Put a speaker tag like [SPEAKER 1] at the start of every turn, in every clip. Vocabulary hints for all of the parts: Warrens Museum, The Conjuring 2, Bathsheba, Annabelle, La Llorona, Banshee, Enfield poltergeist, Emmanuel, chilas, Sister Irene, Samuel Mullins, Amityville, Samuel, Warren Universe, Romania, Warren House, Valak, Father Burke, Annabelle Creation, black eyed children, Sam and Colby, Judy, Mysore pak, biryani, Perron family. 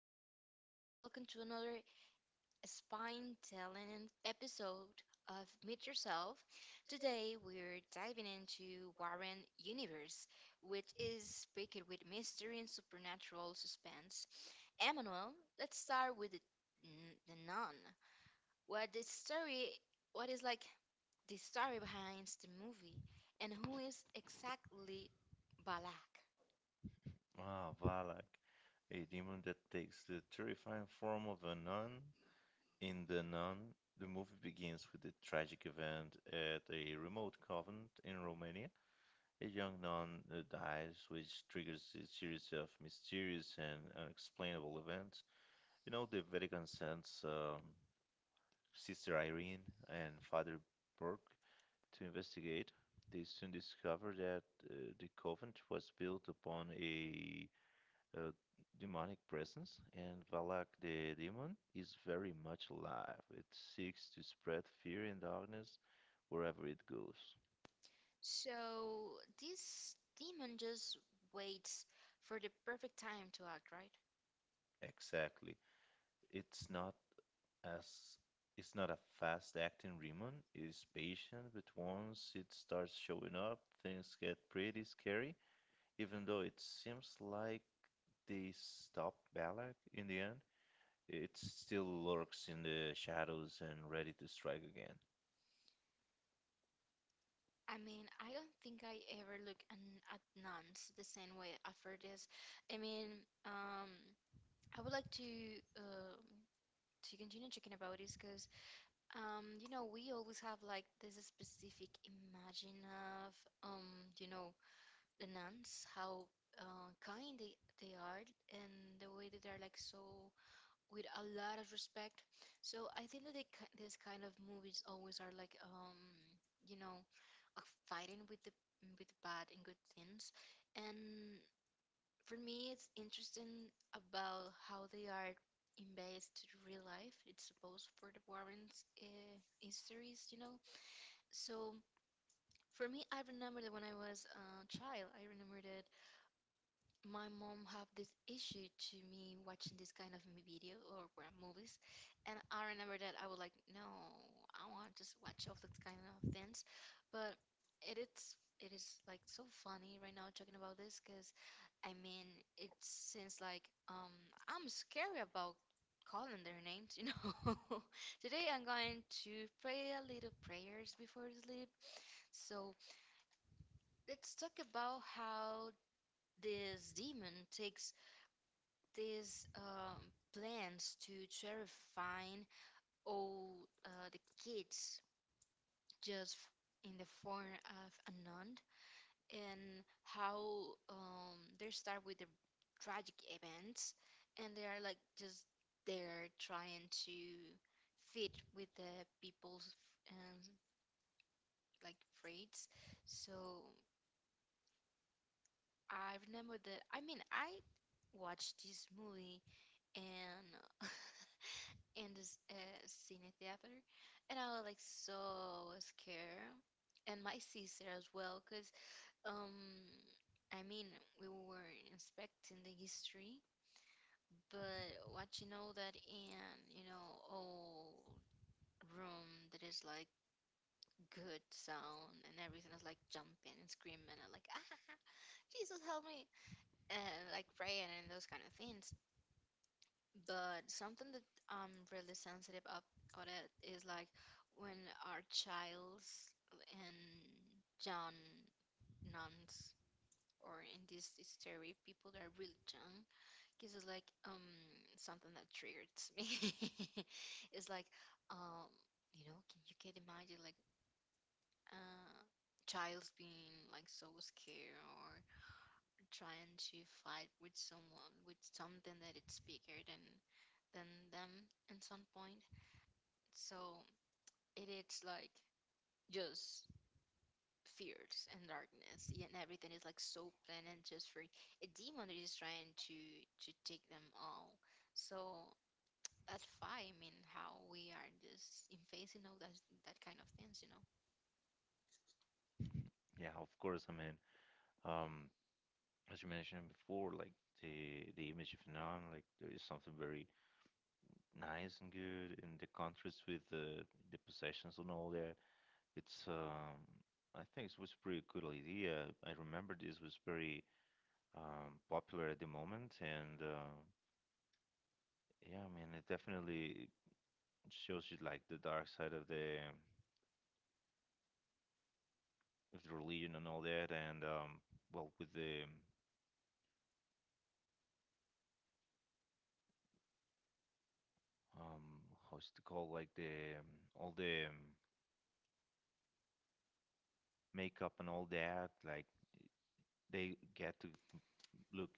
[SPEAKER 1] everyone. Welcome to another spine telling episode of Meet Yourself. Today we're diving into Warren Universe, which is packed with mystery and supernatural suspense. Emmanuel, let's start with the nun. What the story? What is like the story behind the movie, and who is exactly Balak?
[SPEAKER 2] Ah, Valak, a demon that takes the terrifying form of a nun. In The Nun, the movie begins with a tragic event at a remote convent in Romania. A young nun dies, which triggers a series of mysterious and unexplainable events. You know, the Vatican sends Sister Irene and Father Burke to investigate. They soon discover that the convent was built upon a uh, demonic presence, and Valak the demon is very much alive. It seeks to spread fear and darkness wherever it goes.
[SPEAKER 1] So this demon just waits for the perfect time to act, right?
[SPEAKER 2] Exactly. It's not as it's not a fast-acting demon. It's patient, but once it starts showing up, things get pretty scary. Even though it seems like they stop Balak in the end, it still lurks in the shadows and ready to strike again.
[SPEAKER 1] I mean, I don't think I ever look at nuns the same way after this. I mean, um, I would like to continue talking about this because, we always have like this specific imagine of, um, you know, the nuns, how kind they are, and the way that they're like so with a lot of respect. So I think that this kind of movies always are like, you know, fighting with the bad and good things. And for me, it's interesting about how they are in base to the real life. It's supposed for the Warrens histories, you know. So for me, I remember that when I was a child, I remember that my mom have this issue to me watching this kind of video or movies, and I remember that I was like, no, I want to just watch all those kind of things. But it is like so funny right now talking about this because, I mean, it seems like, I'm scared about calling their names, you know. Today I'm going to pray a little prayers before sleep. So let's talk about how this demon takes these, plans to terrifying all the kids just in the form of a nun, and how, they start with the tragic events, and they are like just there trying to fit with the people's, um, like, freights. So I remember that, I mean, I watched this movie and in this cine theater, and I was like so scared, and my sister as well, cause, um, I mean we were inspecting the history, but what you know that in, you know, old room that is like good sound and everything is like jumping and screaming and like, ah. Jesus help me, and like praying and those kind of things. But something that I'm really sensitive up on it is like when our childs in young nuns or in this hysteria people that are really young, because it's like, something that triggers me. It's like, um can you, can imagine like, uh child's being like so scared or trying to fight with someone, with something that it's bigger than them at some point. So it is like just fears and darkness, yeah, and everything is like so plain and just free. A demon that is trying to take them all. So that's why, I mean, how we are just in face, you know, that that kind of things, you know.
[SPEAKER 2] Yeah, of course. I mean, um, as you mentioned before, like the image of Nan, like there is something very nice and good in the contrast with the possessions and all that. It's I think it was pretty good idea. I remember this was very popular at the moment, and yeah, I mean, it definitely shows you like the dark side of the religion and all that, and well, with the um, how's it called, like the all the makeup and all that, like they get to look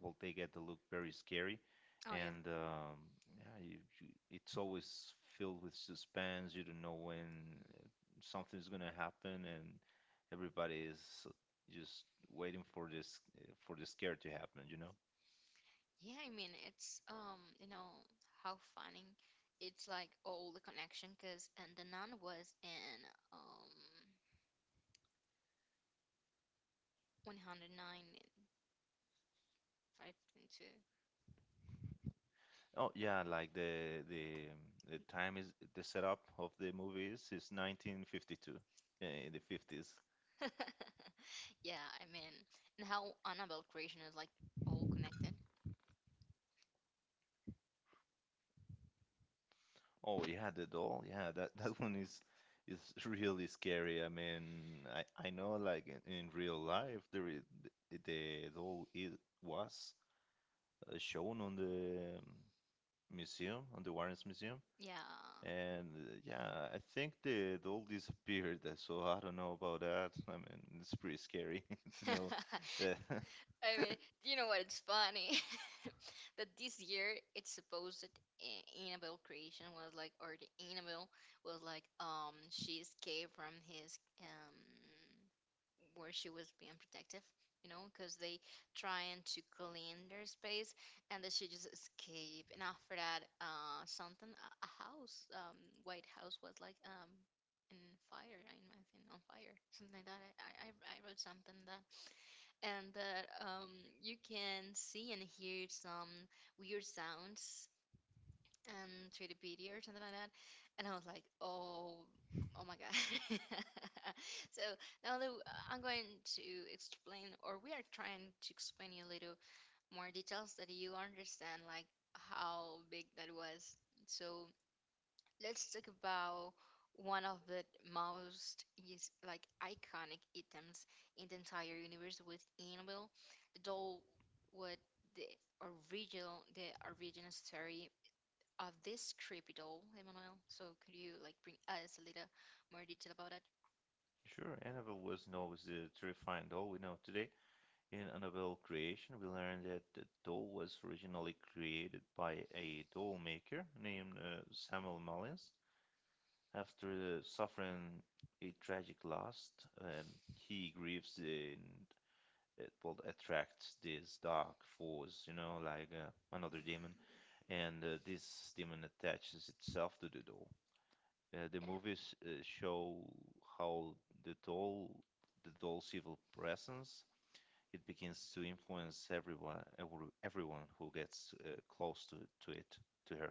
[SPEAKER 2] they get to look very scary
[SPEAKER 1] And
[SPEAKER 2] and yeah, you, it's always filled with suspense. You don't know when uh, something's gonna happen, and everybody is just waiting for this for the scare to happen, you know.
[SPEAKER 1] yeah, I mean, it's how funny it's like all the connection because and the nun was in um one hundred nine five two.
[SPEAKER 2] Oh yeah, like the the time is the setup of the movie is 1952, yeah, in the 50s.
[SPEAKER 1] Yeah, I mean, and how Annabelle creation is like all connected.
[SPEAKER 2] Oh yeah, the doll. Yeah, that that one is really scary. I mean, I know like in real life there is, the doll is was shown on the museum, on the Warrens Museum,
[SPEAKER 1] Yeah.
[SPEAKER 2] and yeah, I think the doll disappeared. So I don't know about that. I mean, it's pretty scary to know that.
[SPEAKER 1] I mean, you know what? It's funny that this year it's supposed that Annabelle creation was like, or the Annabelle was like, she escaped from his where she was being protective, you know, because they trying to clean their space, and then she just escaped. And after that, something, a house, White House was like in fire, I imagine on fire, something like that. I wrote something that, and that, you can see and hear some weird sounds and 3D or something like that. And I was like, oh, oh my God. So now that I'm going to explain, or we are trying to explain you a little more details that you understand, like how big that was. So let's talk about one of the most is like iconic items in the entire universe with Annabelle, the doll, what the the original story of this trip at all, Emmanuel? So could you like bring us a little more detail about it?
[SPEAKER 2] Sure, Annabelle was known as the terrifying doll we know today. In Annabelle Creation, we learned that the doll was originally created by a doll maker named Samuel Mullins. After suffering a tragic loss, um, he grieves and it will attract this dark force, you know, like another demon, and this demon attaches itself to the doll. The movies show how the doll, the doll's evil presence it begins to influence everyone everyone who gets close to it, to her.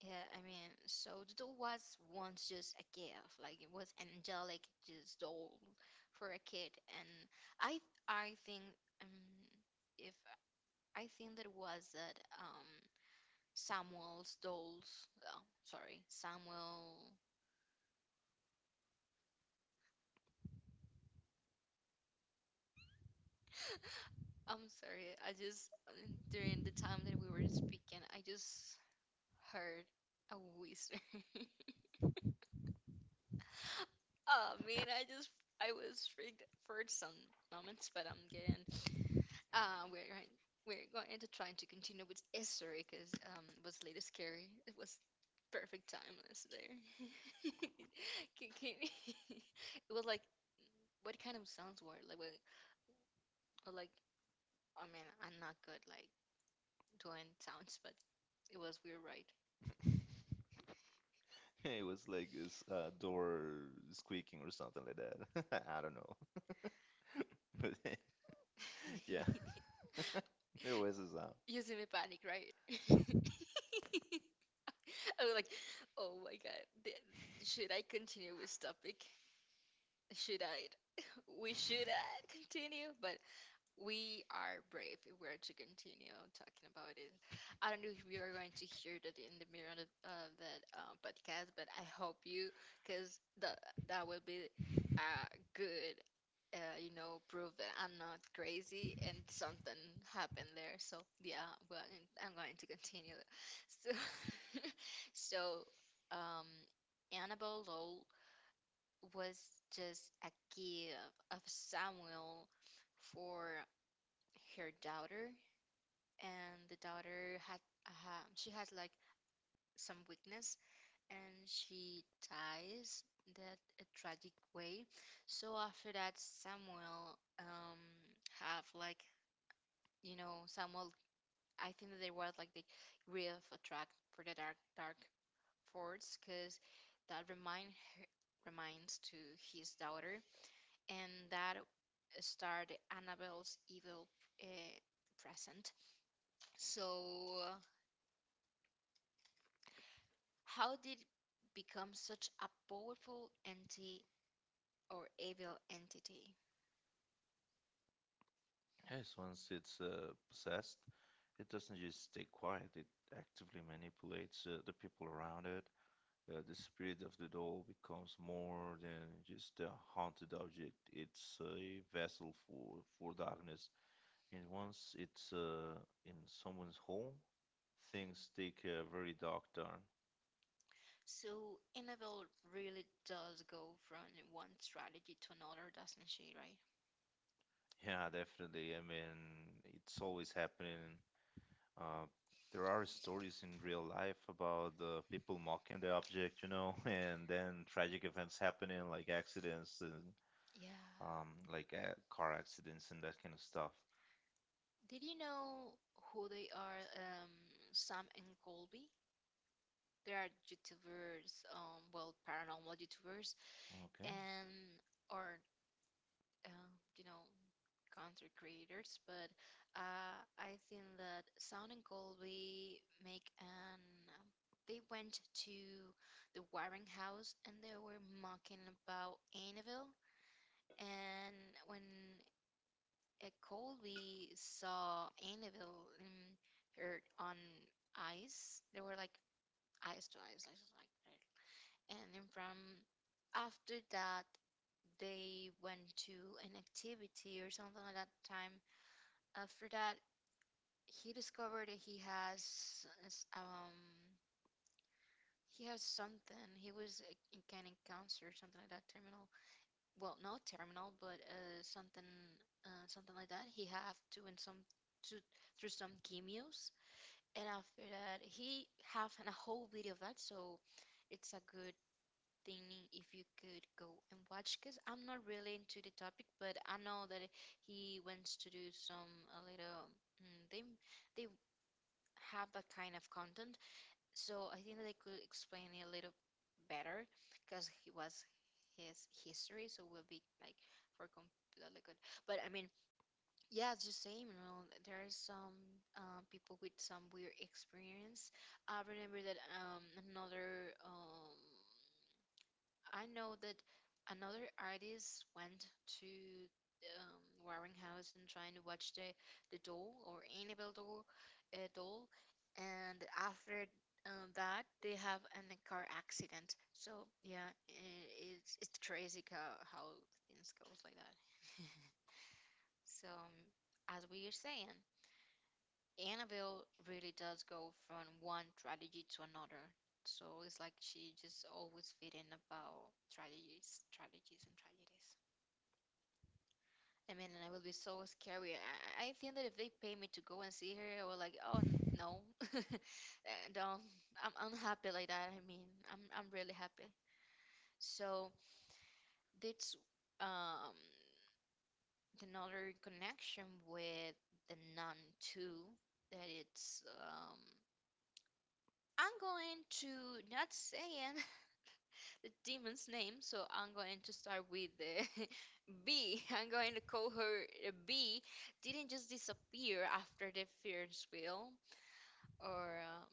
[SPEAKER 1] Yeah, I mean, so the doll was once just a gift, like it was an angelic just doll for a kid, and I I think, um if I think that was that, Samuel's dolls. Oh, sorry, Samuel. I'm sorry. I just, during the time that we were speaking, I just heard a whisper. Oh man, I just, I was freaked for some moments, but I'm getting, uh we're going we're going to try to continue with history because, it was a little scary. It was perfect timeless there. Can- can- it was like what kind of sounds were like, well, like, I mean, I'm not good like doing sounds, but it was weird, right?
[SPEAKER 2] It was like this door squeaking or something like that. I don't know. But yeah. There was a sound.
[SPEAKER 1] Yeah. Using me panic, right? I was like, oh my god, should I continue with topic? Should I? We should, continue, but we are brave if we're to continue talking about it. I don't know if you are going to hear that in the mirror of that podcast, but I hope you, because the that will be, uh, good. You know, proof that I'm not crazy and something happened there. So yeah, well, and I'm going to continue. So, so, um, Annabelle was just a gift of Samuel for her daughter, and the daughter had, she has like some weakness, and she dies that a tragic way. So after that, Samuel, have like, you know, Samuel. I think that they were like the real attract for the dark force because that reminds to his daughter, and that start Annabelle's evil, uh, present. So, uh, how did it become such a powerful entity or evil entity?
[SPEAKER 2] Yes, once it's possessed it doesn't just stay quiet. It actively manipulates the people around it. The spirit of the doll becomes more than just a haunted object. It's a vessel for darkness. And once it's in someone's home, things take a very dark turn.
[SPEAKER 1] So, Annabelle really does go from one strategy to another, doesn't she? Right?
[SPEAKER 2] Yeah, definitely. I mean, it's always happening. Uh, there are stories in real life about people mocking the object, you know, and then tragic events happening, like accidents and
[SPEAKER 1] Yeah.
[SPEAKER 2] like car accidents and that kind of stuff.
[SPEAKER 1] Did you know who they are? Sam and Colby. They are YouTubers, well, paranormal YouTubers, and, or, um, you know content creators, but, I think that Sound and Colby make an. Um, they went to the wiring house and they were mocking about Annabelle. And when, Colby saw Annabelle in her on ice, they were like eyes to eyes, like that. And then from after that, they went to an activity or something like that time. After that, he discovered that he has, he has something. He was, in kind of cancer or something like that. Terminal. Well, not terminal, but, something, something like that. He have to in some to through some chemios, and after that he have a whole video of that. So it's a good thing if you could go and watch because I'm not really into the topic, but I know that he wants to do some a little, mm, they they have that kind of content, so I think that I could explain it a little better because he was his history, so we'll be like for completely good. But I mean, yeah, it's the same. You know, there are some, people with some weird experience. I remember that, another I know that another artist went to, Warren House and trying to watch the doll or Annabelle doll, uh, doll, and after, that they have a car accident. So yeah, I it's crazy how things goes like that. So as we are saying, Annabelle really does go from one strategy to another. So it's like she just always feeding about strategies, strategies, and strategies. I mean, and I will be so scary. I think that if they pay me to go and see her, I will like, oh, no, and, I'm happy like that. I mean, I'm really happy. So that's, um another connection with the nun too. That it's, I'm going to not saying the demon's name, so I'm going to start with the B. I'm going to call her, B. Didn't just disappear after the Ferris wheel, or,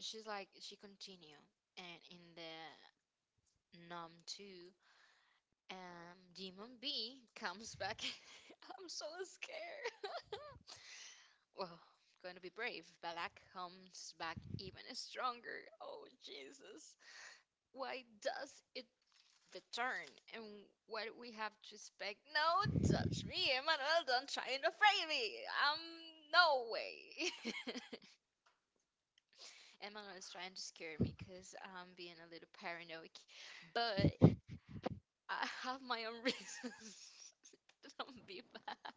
[SPEAKER 1] she's like she continue and in the numb two, demon B comes back. I'm so scared. Well, going to be brave. Balak comes back even stronger. Oh Jesus. Why does it the turn and what we have to expect. No, touch me, Emmanuel. Don't try and afraid me. Um, no way. Emmanuel is trying to scare me because I'm being a little paranoid, but I have my own reasons. Don't be bad.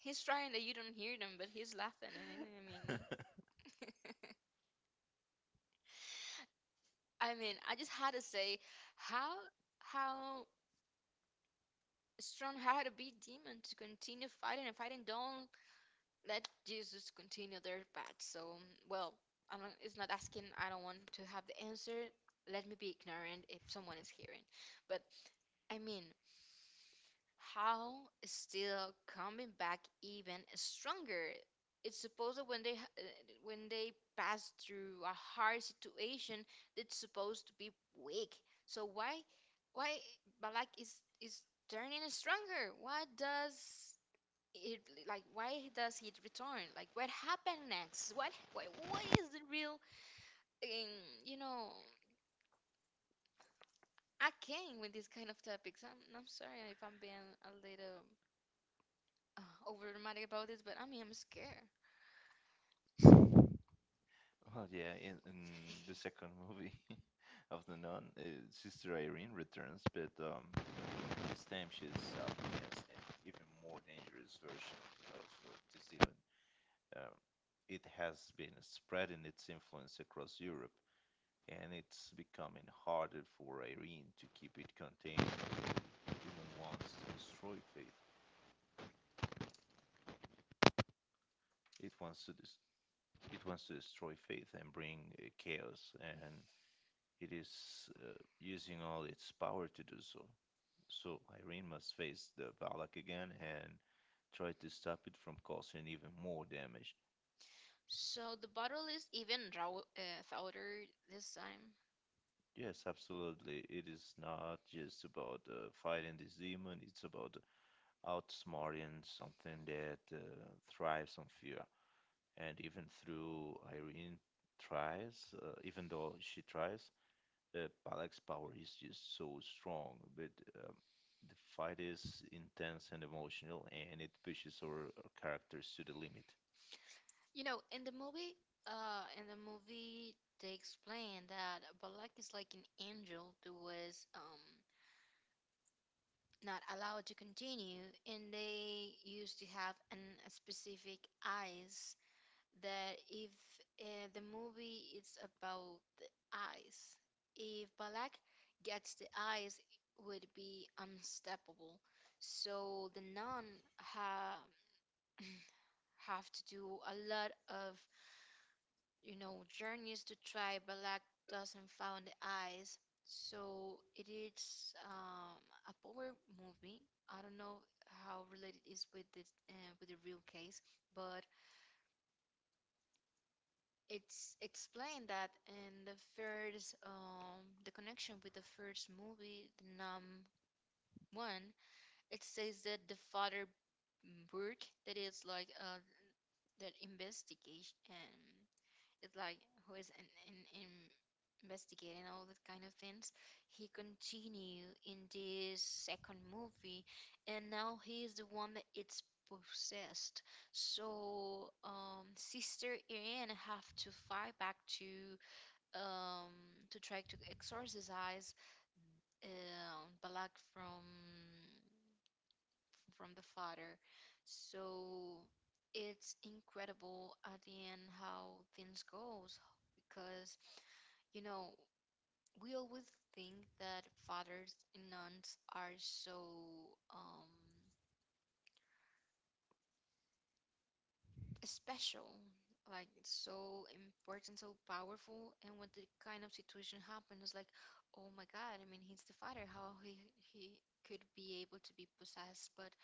[SPEAKER 1] He's trying that you don't hear them, but he's laughing. And I mean,
[SPEAKER 2] Okay.
[SPEAKER 1] I mean, I just had to say how how strong had to be demon to continue fighting and fighting. Don't let Jesus continue their path. So, well, I don't, it's not asking, I don't want to have the answer. Let me be ignorant if someone is hearing. But I mean, how is still coming back even stronger? It's supposed that when they when they pass through a hard situation, it's supposed to be weak. So why Balak is turning stronger? What does it, like, why does he return, like, what happened next? What what is the real um, you know I came with these kind of topics, I'm sorry if I'm being a little over dramatic about this, but I mean I'm scared.
[SPEAKER 2] Well, yeah, in the second movie of the Nun, Sister Irene returns, but this time she's up against an even more dangerous version of this demon. Um, it has been spreading its influence across Europe, and it's becoming harder for Irene to keep it contained. The demon wants to destroy faith. It wants to dis- it wants to destroy faith and bring chaos and it is using all its power to do so. So Irene must face the Valak again and try to stop it from causing even more damage.
[SPEAKER 1] So the bottle is even raw, thoughter this time.
[SPEAKER 2] Yes, absolutely. It is not just about fighting this demon, it's about outsmarting something that thrives on fear. And even through Irene tries, Even though she tries, Balak's power is just so strong, but um, the fight is intense and emotional, and it pushes our characters to the limit.
[SPEAKER 1] You know, in the movie, they explain that Balak is like an angel that was not allowed to continue, and they used to have a specific eyes that if the movie is about the eyes, if Balak gets the eyes would be unstoppable. So the nun ha- have to do a lot of, you know, journeys to try, but luck doesn't found the eyes. So it is a power movie. I don't know how related it is with the real case, but it's explained that in the first the connection with the first movie, the Numb One, it says that the father, Burke, that is like that investigation, and it's like who is in investigate and all that kind of things. He continue in this second movie, and now he is the one that it's possessed. So Sister Irene have to fight back um, to try to exorcise Balak from the father. So it's incredible at the end how things goes because, you know, we always think that fathers and nuns are so special, like it's so important, so powerful. And when the kind of situation happened, it's like, oh my God! I mean, he's the father. How he could be able to be possessed? But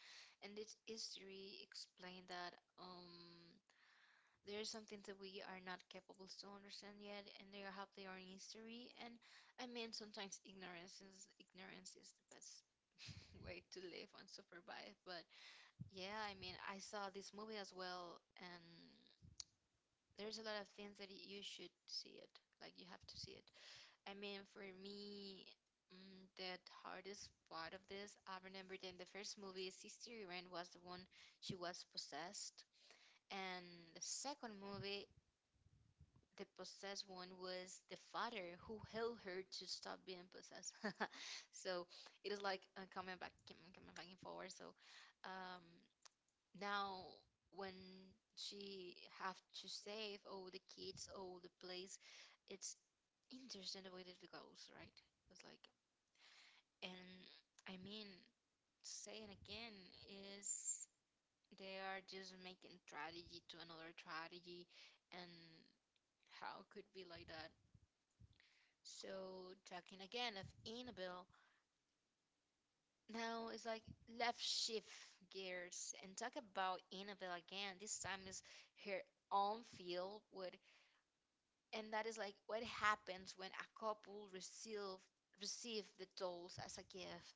[SPEAKER 1] and this history explained that there is something that we are not capable to understand yet, and they are have their own history. And I mean, sometimes ignorance is the best way to live unsupervised. But yeah, I mean, I saw this movie as well, and there's a lot of things that you should see it. Like you have to see it. I mean, for me, the hardest part of this, I remember that in the first movie, Sister Irene was the one she was possessed, and the second movie. The possessed one was the father who held her to stop being possessed. So it is like coming back, coming back and forward. So um, now, when she have to save all the kids, all the place, it's interesting the way that it goes, right? It's like, and I mean, saying again is they are just making strategy to another strategy, and how could be like that? So talking again of Annabelle, now it's like left shift gears and talk about Annabelle again. This time is her own field with, and that is like what happens when a couple receive the dolls as a gift.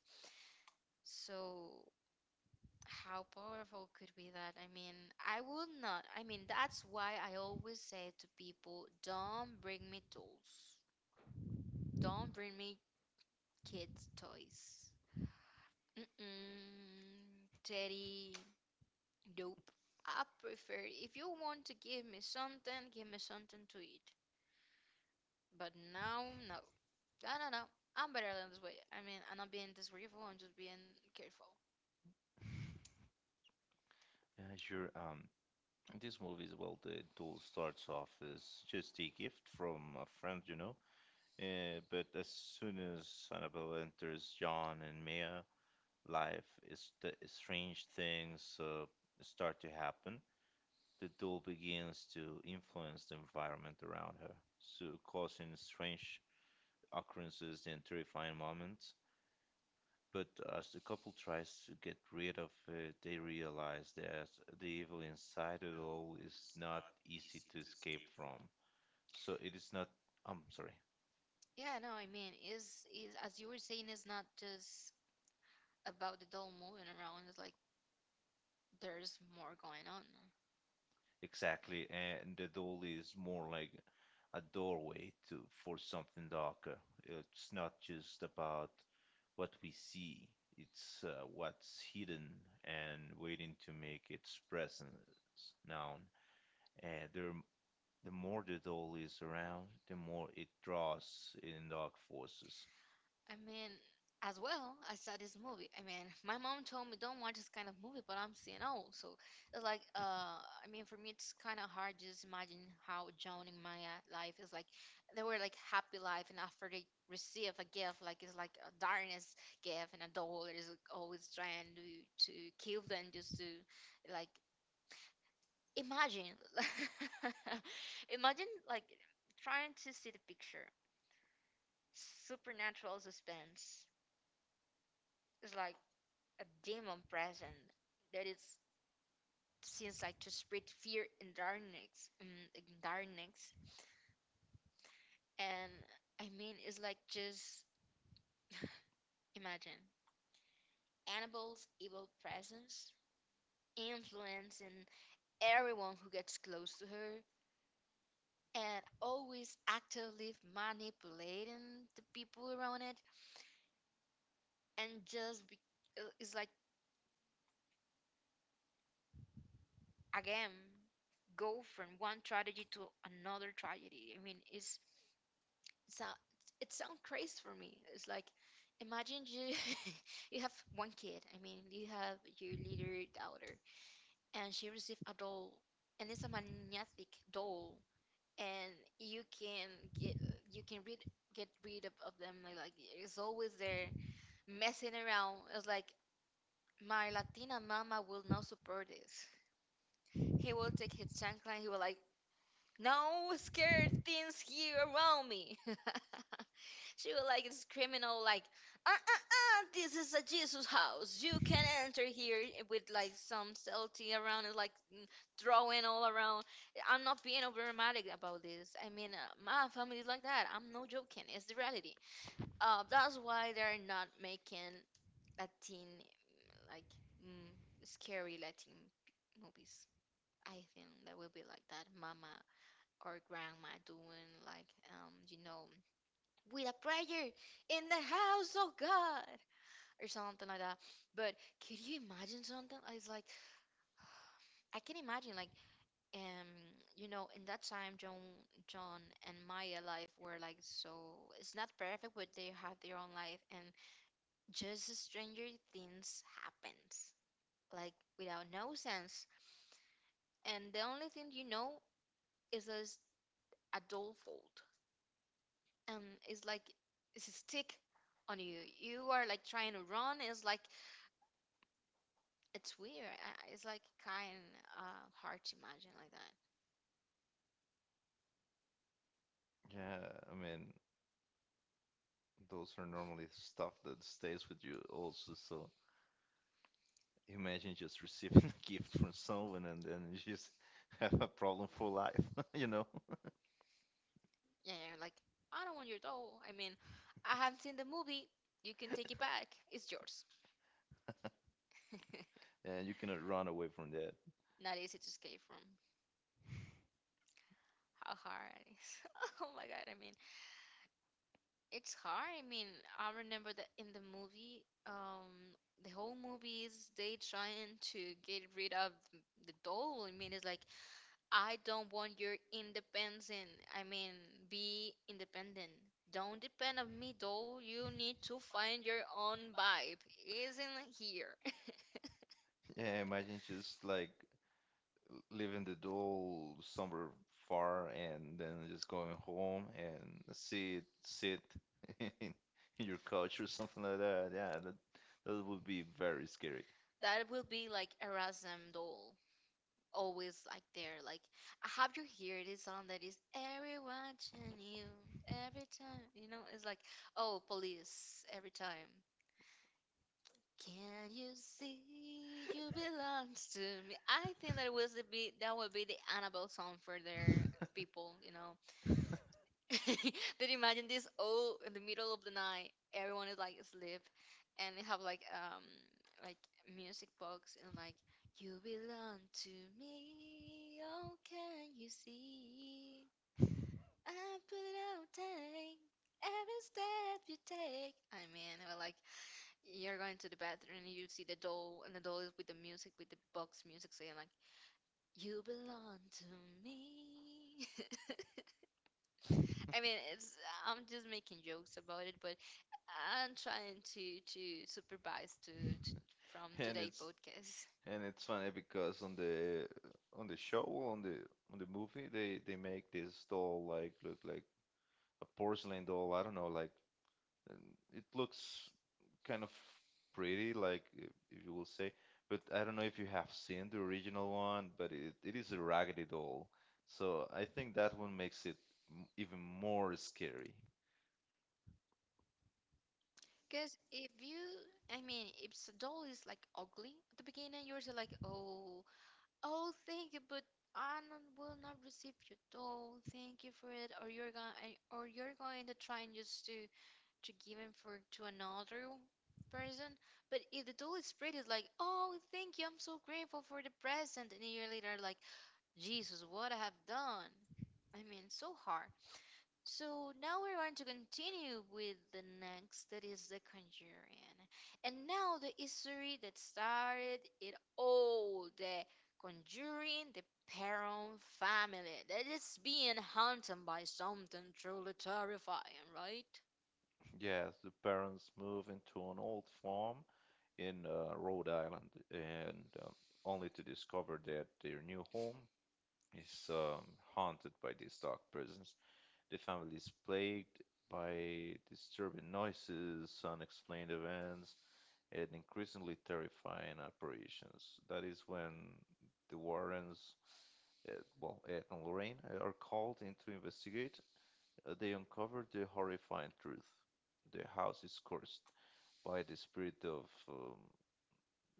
[SPEAKER 1] So how powerful could be that? I mean, I will not, I mean, that's why I always say to people, don't bring me dolls, don't bring me kids toys. Mm-mm. Teddy, nope. I prefer if you want to give me something, give me something to eat. But now, no, I don't know. I'm better than this way. I mean, I'm not being disrespectful. I'm just being careful.
[SPEAKER 2] Yeah, sure. In this movie as well, the doll starts off as just a gift from a friend, you know. But as soon as Annabelle enters John and Mia, life is the strange things start to happen. The doll begins to influence the environment around her, so causing strange occurrences and terrifying moments. But as the couple tries to get rid of it, they realize that the evil inside it all is not easy to escape from. So it is not, I'm sorry,
[SPEAKER 1] Yeah, no, I mean, is as you were saying, it's not just about the doll moving around. It's like there's more going on, no?
[SPEAKER 2] exactly. And the doll is more like a doorway to for something darker. It's not just about what we see, it's what's hidden and waiting to make its presence known. Uh, there. The more the doll is around, the more it draws in dark forces.
[SPEAKER 1] I mean, as well, I saw this movie. I mean, my mom told me don't watch this kind of movie, but I'm seeing, oh, so it's like I mean, for me it's kind of hard just imagine how Joan in my life is like. They were like happy life, and after they receive a gift, like it's like a darkness gift, and a doll is always trying to kill them, just to, like, imagine, imagine like trying to see the picture, supernatural suspense. It's like a demon present that is seems like to spread fear and darkness, and darkness. And I mean, it's like just imagine Annabelle's evil presence influencing everyone who gets close to her and always actively manipulating the people around it, and just be, it's like again go from one tragedy to another tragedy. I mean, it's so it sounds crazy for me. It's like, imagine you you have one kid. I mean, you have your little daughter, and she received a doll, and it's a magnetic doll, and you can get you can read get rid of them. Like it's always there messing around. It's like my Latina mama will not support this. He will take his chancla and he will like, no scared things here around me. She was like this criminal, like, this is a Jesus house. You can enter here with like some subtlety around and like, throwing all around. I'm not being over dramatic about this. I mean, my family is like that. I'm no joking. It's the reality. That's why they're not making Latin, like, mm, scary Latin p- movies. I think that will be like that, Mama or Grandma doing like, you know, with a prayer in the house of God or something like that. But could you imagine something? I was like, I can imagine like um you know in that time John and Maya life were like so it's not perfect but they have their own life, and just stranger things happens like without no sense. And the only thing, you know, is a adult fault, and it's like it's a stick on you. You are like trying to run. It's like it's weird. It's like kind hard to imagine like that.
[SPEAKER 2] Yeah, I mean, those are normally stuff that stays with you also. So imagine just receiving a gift from someone and then you just have a problem for life, you know?
[SPEAKER 1] Yeah, yeah, like I don't want your doll. I mean, I haven't seen the movie. You can take it back. It's yours.
[SPEAKER 2] And you cannot run away from that.
[SPEAKER 1] Not easy to escape from how hard it is. Oh my God, I mean, it's hard. I mean, I remember that in the movie, the whole movies they trying to get rid of the doll. I mean, it's like I don't want your independence. I mean, be independent. Don't depend on me, though. You need to find your own vibe. Isn't here.
[SPEAKER 2] Yeah, imagine just like leaving the doll somewhere far and then just going home and sit in your couch or something like that. Yeah, that would be very scary.
[SPEAKER 1] That will be like Erasmus, though. Always like there. Like I have you hear this song that is every watching you every time. You know, it's like oh police every time. Can you see you belongs to me? I think that was the be that would be the Annabelle song for their people, you know. Then imagine this oh in the middle of the night, everyone is like asleep, and they have like music box and like you belong to me. Oh can you see? I put out take every step you take. I mean I was like you're going to the bathroom and you see the doll and the doll is with the music with the box music saying like you belong to me. I mean it's, I'm just making jokes about it, but I'm trying to supervise to from
[SPEAKER 2] And
[SPEAKER 1] today's podcast.
[SPEAKER 2] it's funny because on the show, on the movie, they make this doll like look like a porcelain doll. I don't know, like and it looks kind of pretty, like if you will say. But I don't know if you have seen the original one, but it is a raggedy doll. So I think that one makes it even more scary.
[SPEAKER 1] Because if you, I mean if doll is like ugly at the beginning you're just like oh, oh thank you but I will not receive your doll. Thank you for it. Or you're going to try and just to give him for to another person. But if the doll is pretty, it's like, oh, thank you, I'm so grateful for the present, and a year later, like, Jesus, what I have done. I mean, so hard. So now we're going to continue with the next, that is the Conjuring, and now the history that started it all. The Conjuring, the Perron family that is being haunted by something truly terrifying, right?
[SPEAKER 2] Yes, the parents move into an old farm in Rhode Island, and only to discover that their new home is haunted by these dark presence. The family is plagued by disturbing noises, unexplained events, and increasingly terrifying apparitions. That is when the Warrens, uh, well, Ed and Lorraine, are called in to investigate. They uncover the horrifying truth. The house is cursed by the spirit of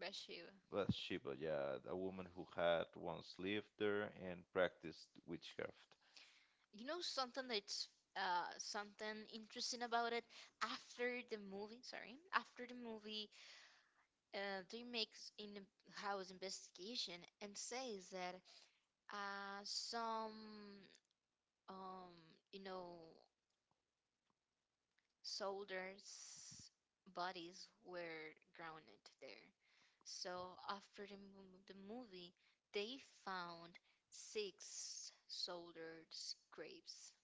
[SPEAKER 1] Bashir.
[SPEAKER 2] Bathsheba, yeah, a woman who had once lived there and practiced witchcraft.
[SPEAKER 1] You know something that's something interesting about it. After the movie, sorry, after the movie, they makes in the house investigation and says that some um you know soldiers' bodies were grounded there. So after the the movie, they found six soldiers' graves.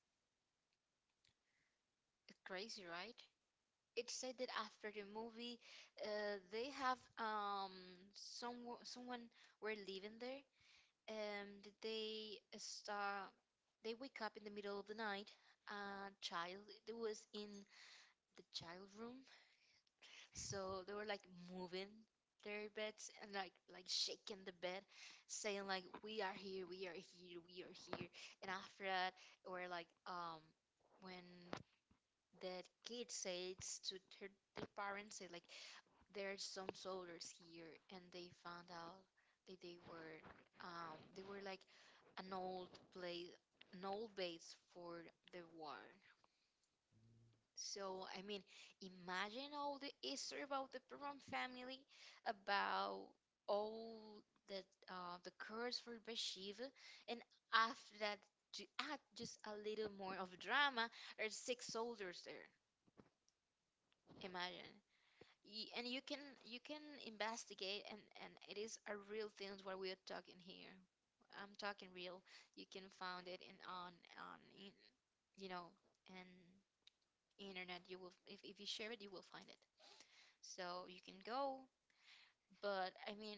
[SPEAKER 1] Crazy, right? It said that after the movie, they have some someone were living there. That they start they wake up in the middle of the night. A child that was in the child room, so they were like moving their beds and like shaking the bed, saying like we are here, we are here, we are here. And after that, or like when that kid says to her, their parents say like there's some soldiers here, and they found out that they were like an old place, an old base for the war. So I mean, imagine all the history about the Perón family, about all the the curse for Bathsheba, and after that, to add just a little more of drama, there's six soldiers there. Imagine. And you can investigate, and it is a real things what we are talking here. I'm talking real. You can find it in on in, you know and internet you will, if you share it, you will find it, so you can go. But I mean,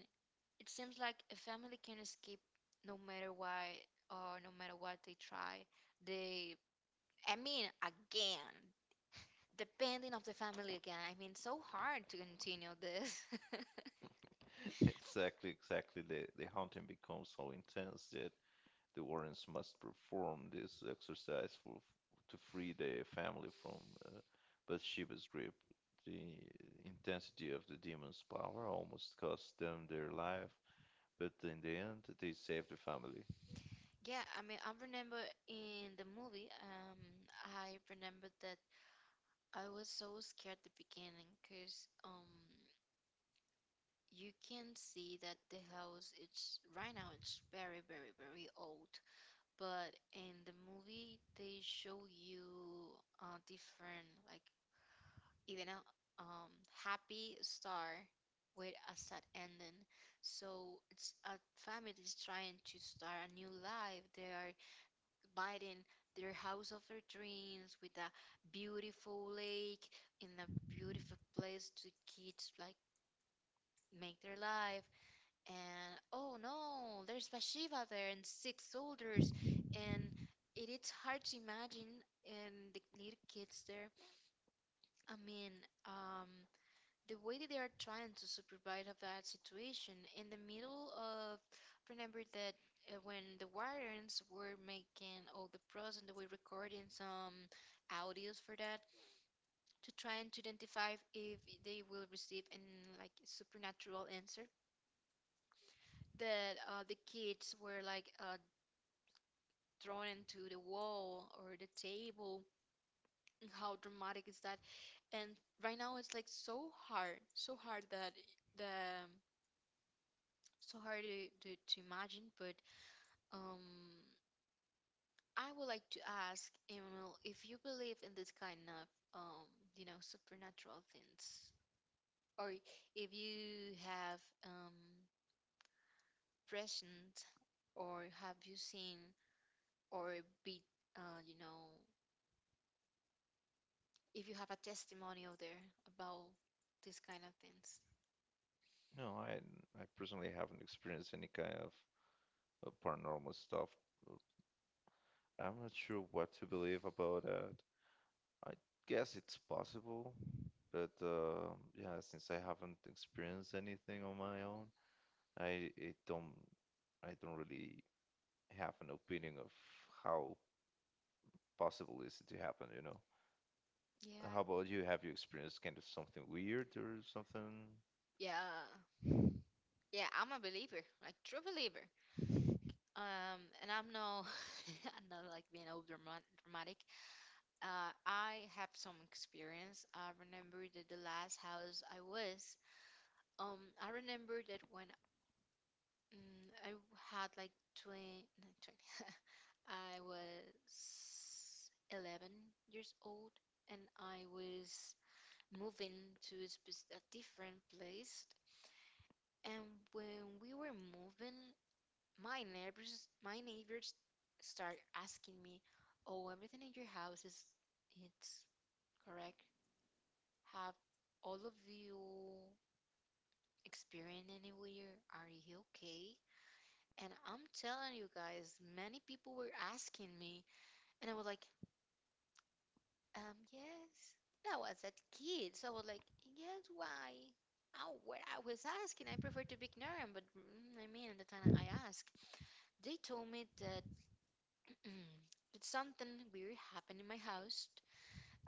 [SPEAKER 1] it seems like a family can escape no matter why, or no matter what they try. They, I mean, again, depending of the family. Again, I mean, so hard to continue this.
[SPEAKER 2] Exactly, exactly. The haunting becomes so intense that the warrens must perform this exercise for, to free the family from uh, Bathsheba's grip. The intensity of the demon's power almost cost them their life, but in the end, they saved the family.
[SPEAKER 1] Yeah, I mean, I remember in the movie, I remember that I was so scared at the beginning because you can see that the house it's right now it's very, very, very old. But in the movie, they show you different, like even a um, happy star with a sad ending. So it's a family is trying to start a new life. They are Biden, their house of their dreams with a beautiful lake in a beautiful place to kids like make their life. And oh no, there's Bathsheba there and six soldiers, and it is hard to imagine, and the little kids there. I mean, um, the way that they are trying to supervise of that situation in the middle of, remember that when the Warrens were making all the pros and they were recording some audios for that, to try and to identify if they will receive an like supernatural answer, that the kids were like thrown into the wall or the table. And how dramatic is that? And right now it's like so hard, so hard that the, so hard to imagine. But um, I would like to ask Emmanuel if you believe in this kind of um, you know supernatural things, or if you have um, present, or have you seen, or be you know, if you have a testimonial there about this kind of things.
[SPEAKER 2] No, I personally haven't experienced any kind of paranormal stuff. I'm not sure what to believe about that. I guess it's possible, but yeah, since I haven't experienced anything on my own, I, I don't I don't really have an opinion of how possible is it to happen, you know.
[SPEAKER 1] Yeah, I.
[SPEAKER 2] How about you? Have you experienced kind of something weird or something?
[SPEAKER 1] Yeah, yeah, I'm a believer, like true believer. And I'm no, I'm not like being all dramatic. I have some experience. I remember that the last house I was, I remember that when I had like 20, no, 20 I was 11 years old, and I was moving to a, a different place. And when we were moving, my neighbors start asking me, "Oh, everything in your house is, it's correct? Have all of you experienced any weird? Are you okay?" And I'm telling you guys, many people were asking me, and I was like, Yes." And I was a kid, so I was like, "Yes, why?" Oh, what I was asking, I prefer to be ignorant, but mm, I mean, at the time I asked, they told me that, mm, did something weird happen in my house?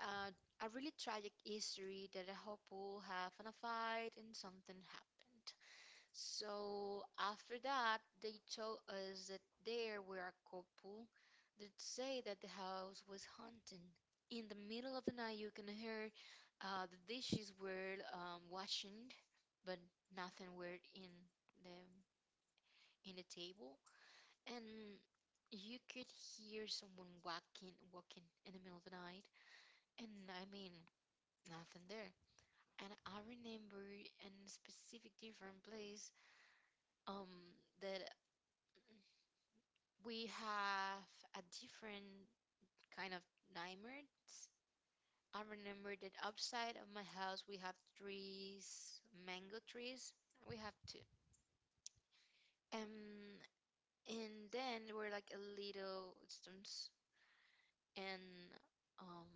[SPEAKER 1] Uh, a really tragic history that a couple have in a fight and something happened. So after that, they told us that there were a couple that say that the house was haunted. In the middle of the night, you can hear the dishes were washing, but nothing were in the, in the table, and you could hear someone walking in the middle of the night, and I mean, nothing there. And I remember in a specific different place, that we have a different kind of nightmares. I remember that outside of my house we have trees, mango trees. We have two. Um and then there were like a little stones, and um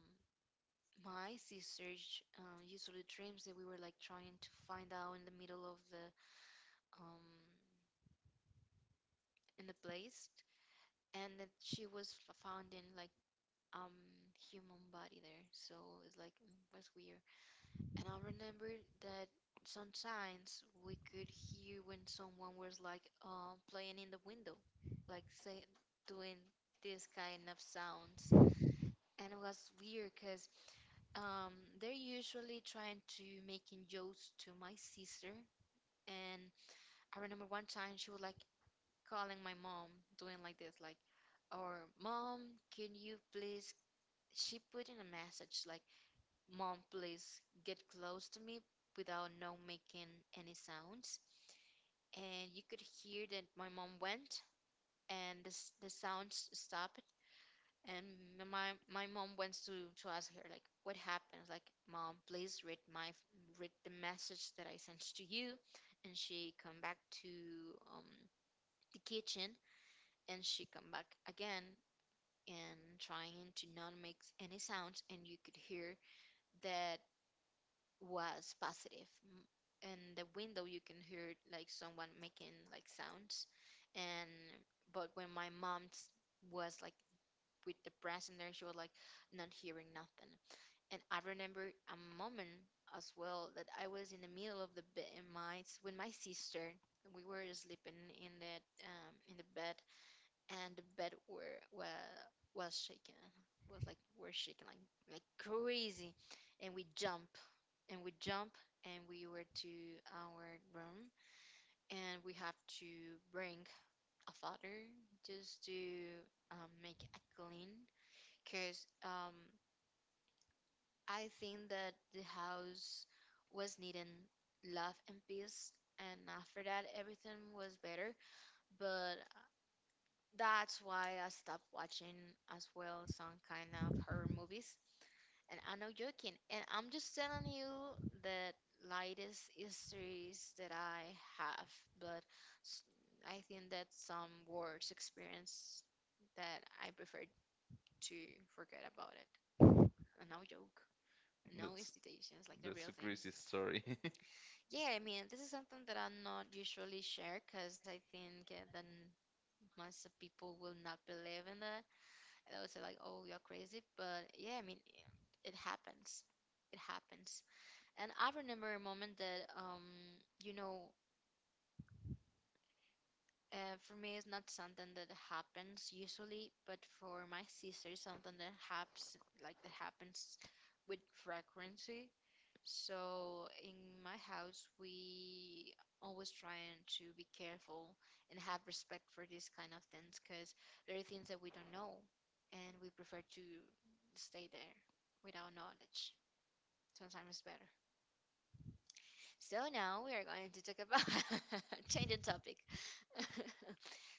[SPEAKER 1] my sister usually dreams that we were like trying to find out in the middle of the, um in the place, and that she was found in like, um human body there. So it's like mm, was weird. And I remember that sometimes we could hear when someone was like playing in the window, like say doing this kind of sounds. And it was weird because um, they're usually trying to making jokes to my sister, and I remember one time she was like calling my mom, doing like this, like, "Or mom, can you please?" She put in a message like, "Mom, please get close to me without no making any sounds," and you could hear that my mom went, and the sounds stopped, and my mom wants to ask her like what happened, like, mom please read my read the message that I sent to you. And she come back to um the kitchen, and she come back again, and trying to not make any sounds, and you could hear that was positive. In the window you can hear like someone making like sounds, and but when my mom was like with the present there, she was like not hearing nothing. And I remember a moment as well that I was in the middle of the bed in my with my sister. We were sleeping in that in the bed, and the bed were well was shaking, was like were shaking like crazy, and we jump, and we jump, and we were to our room, and we have to bring a father just to make a clean, cause I think that the house was needing love and peace, and after that, everything was better. But that's why I stopped watching as well some kind of horror movies. And I'm not joking. And I'm just telling you the lightest histories that I have. But s-, I think that some worst experience that I prefer to forget about it. A no joke. No
[SPEAKER 2] That's
[SPEAKER 1] institutions, like the real
[SPEAKER 2] a
[SPEAKER 1] That's thing.
[SPEAKER 2] crazy story.
[SPEAKER 1] Yeah, I mean, this is something that I not usually share because I think that most of people will not believe in that. And they will say like, "Oh, you're crazy," but yeah, I mean, it happens. It happens. And I remember a moment that, you know, for me, it's not something that happens usually, but for my sister, something that happens like that happens with frequency. So in my house, we always trying to be careful and have respect for these kind of things because there are things that we don't know, and we prefer to stay there without knowledge. Sometimes it's better. So now we are going to talk about changing topic.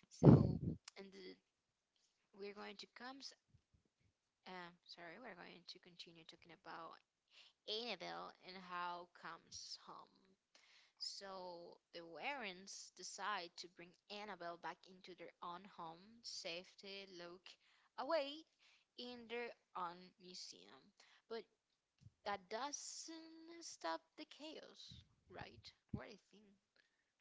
[SPEAKER 1] So and the, we're going to comes. Sorry, we're going to continue talking about Annabelle and how comes home. So the Warrens decide to bring Annabelle back into their own home, safety, lock away in their own museum. But that doesn't stop the chaos, right? What do you think?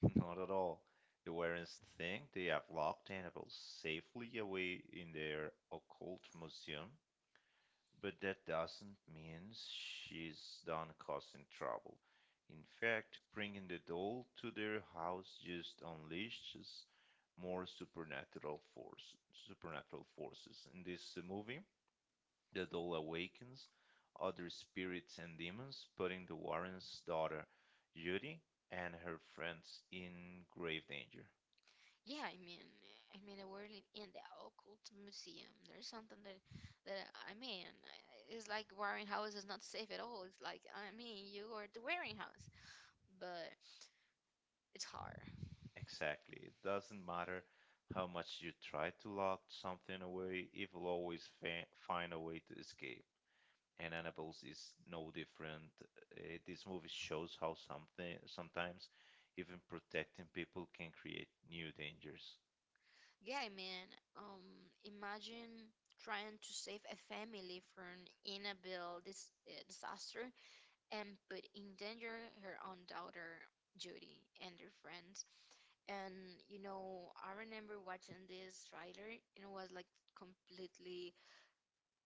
[SPEAKER 2] Not at all. The Warrens think they have locked Annabelle safely away in their occult museum, but that doesn't mean she's done causing trouble. In fact, bringing the doll to their house just unleashes more supernatural force, supernatural forces. In this movie, the doll awakens other spirits and demons, putting the Warrens' daughter, Judy, and her friends in grave danger.
[SPEAKER 1] Yeah, I mean, we world in the occult museum. There's something that, that I mean, it's like Warren House is not safe at all. It's like, I mean, you are the Warren House, but it's hard.
[SPEAKER 2] Exactly. It doesn't matter how much you try to lock something away, it will always find a way to escape. And Annabelle's is no different. This movie shows how something sometimes even protecting people can create new dangers.
[SPEAKER 1] Yeah, I mean, um, imagine trying to save a family from inevitable disaster, and put in danger her own daughter, Judy, and her friends. And you know, I remember watching this trailer and it was like completely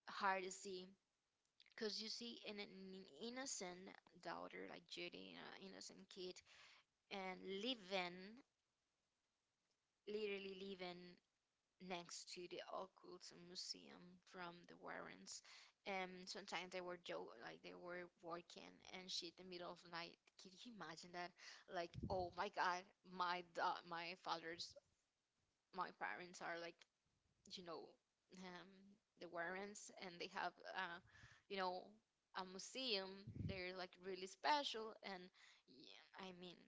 [SPEAKER 1] hard to see because you see an innocent daughter like Judy, an innocent kid, and living, literally living next to the occult museum from the Warrens. And sometimes they were joke like they were working and shit in the middle of the night. Can you imagine that? Like, oh my God, my my father's, my parents are like, you know, um, the Warrens, and they have you know, a museum. They're like really special, and yeah, I mean,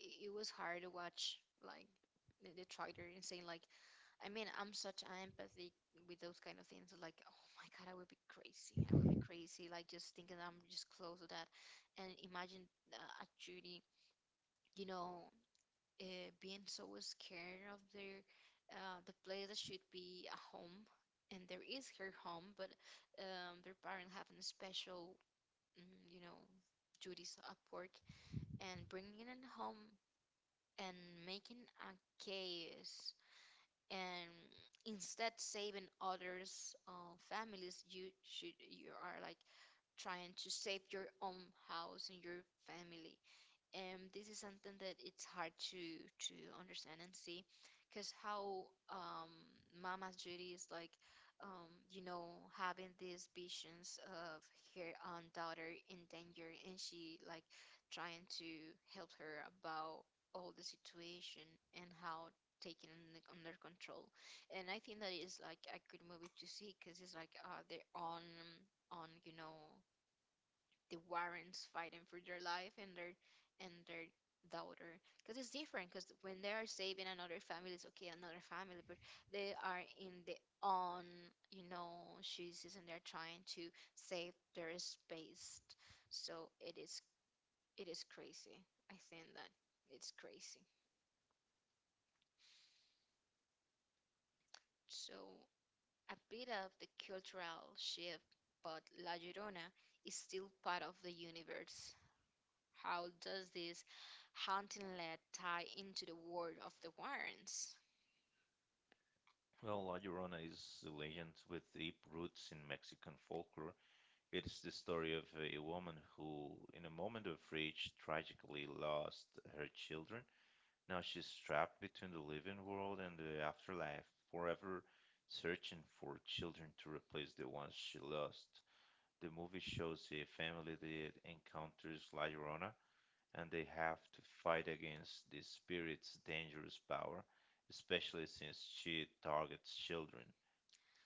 [SPEAKER 1] it was hard to watch like the trailer and saying like, I mean, I'm such an empathy with those kind of things. Like, oh my God, I would be crazy. I would be crazy. Like, just thinking I'm just close to that. And imagine a Judy, you know, being so scared of their, the place that should be a home. And there is her home, but their parents have a special, mm, you know, duties at work. And bringing it home and making a chaos, and instead saving others families, you should, you are like trying to save your own house and your family. And this is something that it's hard to to understand and see because how mama's duty is like, you know, having these visions of her own daughter in danger. And she like trying to help her about all the situation and how taking it under control. And I think that is like a good movie to see because it's like their own on, you know, the Warrens fighting for their life and their and their daughter. Because it's different, because when they are saving another family, it's okay, another family, but they are in the on, you know, shoes, and they're trying to save their space. So it is, it is crazy. I think that it's crazy. So a bit of the cultural shift, but La Llorona is still part of the universe. How does this haunting lead tie into the world of the Warrens?
[SPEAKER 2] Well, La Llorona is a legend with deep roots in Mexican folklore. It is the story of a woman who, in a moment of rage, tragically lost her children. Now she's trapped between the living world and the afterlife, forever searching for children to replace the ones she lost. The movie shows a family that encounters La Llorona, and they have to fight against the spirit's dangerous power, especially since she targets children.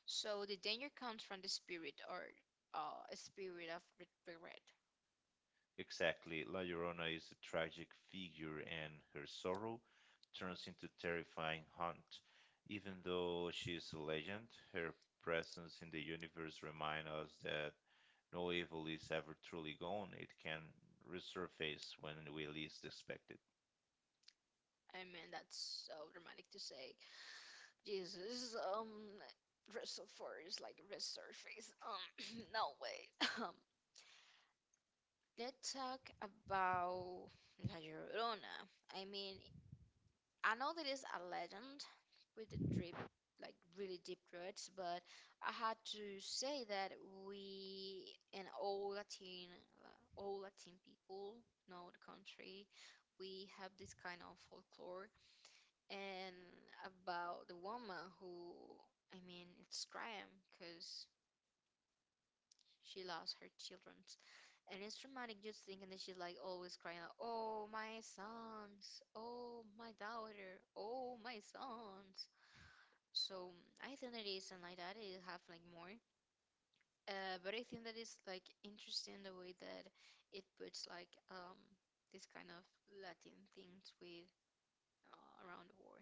[SPEAKER 1] So the danger comes from the spirit, or a spirit of regret.
[SPEAKER 2] Exactly. La Llorona is a tragic figure, and her sorrow turns into terrifying haunt. Even though she is a legend, her presence in the universe reminds us that no evil is ever truly gone. It can resurface when we least expect it.
[SPEAKER 1] I mean, that's so dramatic to say. Jesus, resurface, like resurface. No way. Let's talk about La Llorona. I mean, I know there is a legend with the deep, like really deep roots, but I had to say that we and all Latin people know the country. We have this kind of folklore and about the woman who, I mean, it's crying because she lost her children. And it's traumatic just thinking that she's like always crying out, "Oh, my sons, oh, my daughter, oh, my sons." So I think that it isn't like that. It have like more. But I think that it's like interesting the way that it puts like this kind of Latin things with around the war.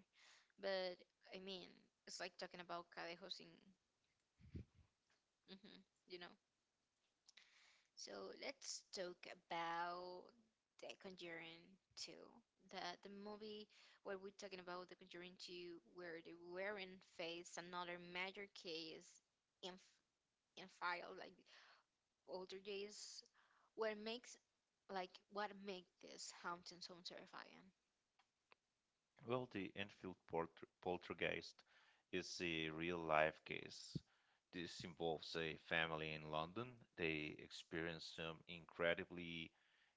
[SPEAKER 1] But I mean, it's like talking about Cadejos in, hmm you know. So let's talk about The Conjuring 2. The movie where we're talking about The Conjuring 2, where they were in face another major case in file like older days. What makes like what make this haunting so terrifying?
[SPEAKER 2] Well, the Enfield poltergeist is a real life case. This involves a family in London. They experience some incredibly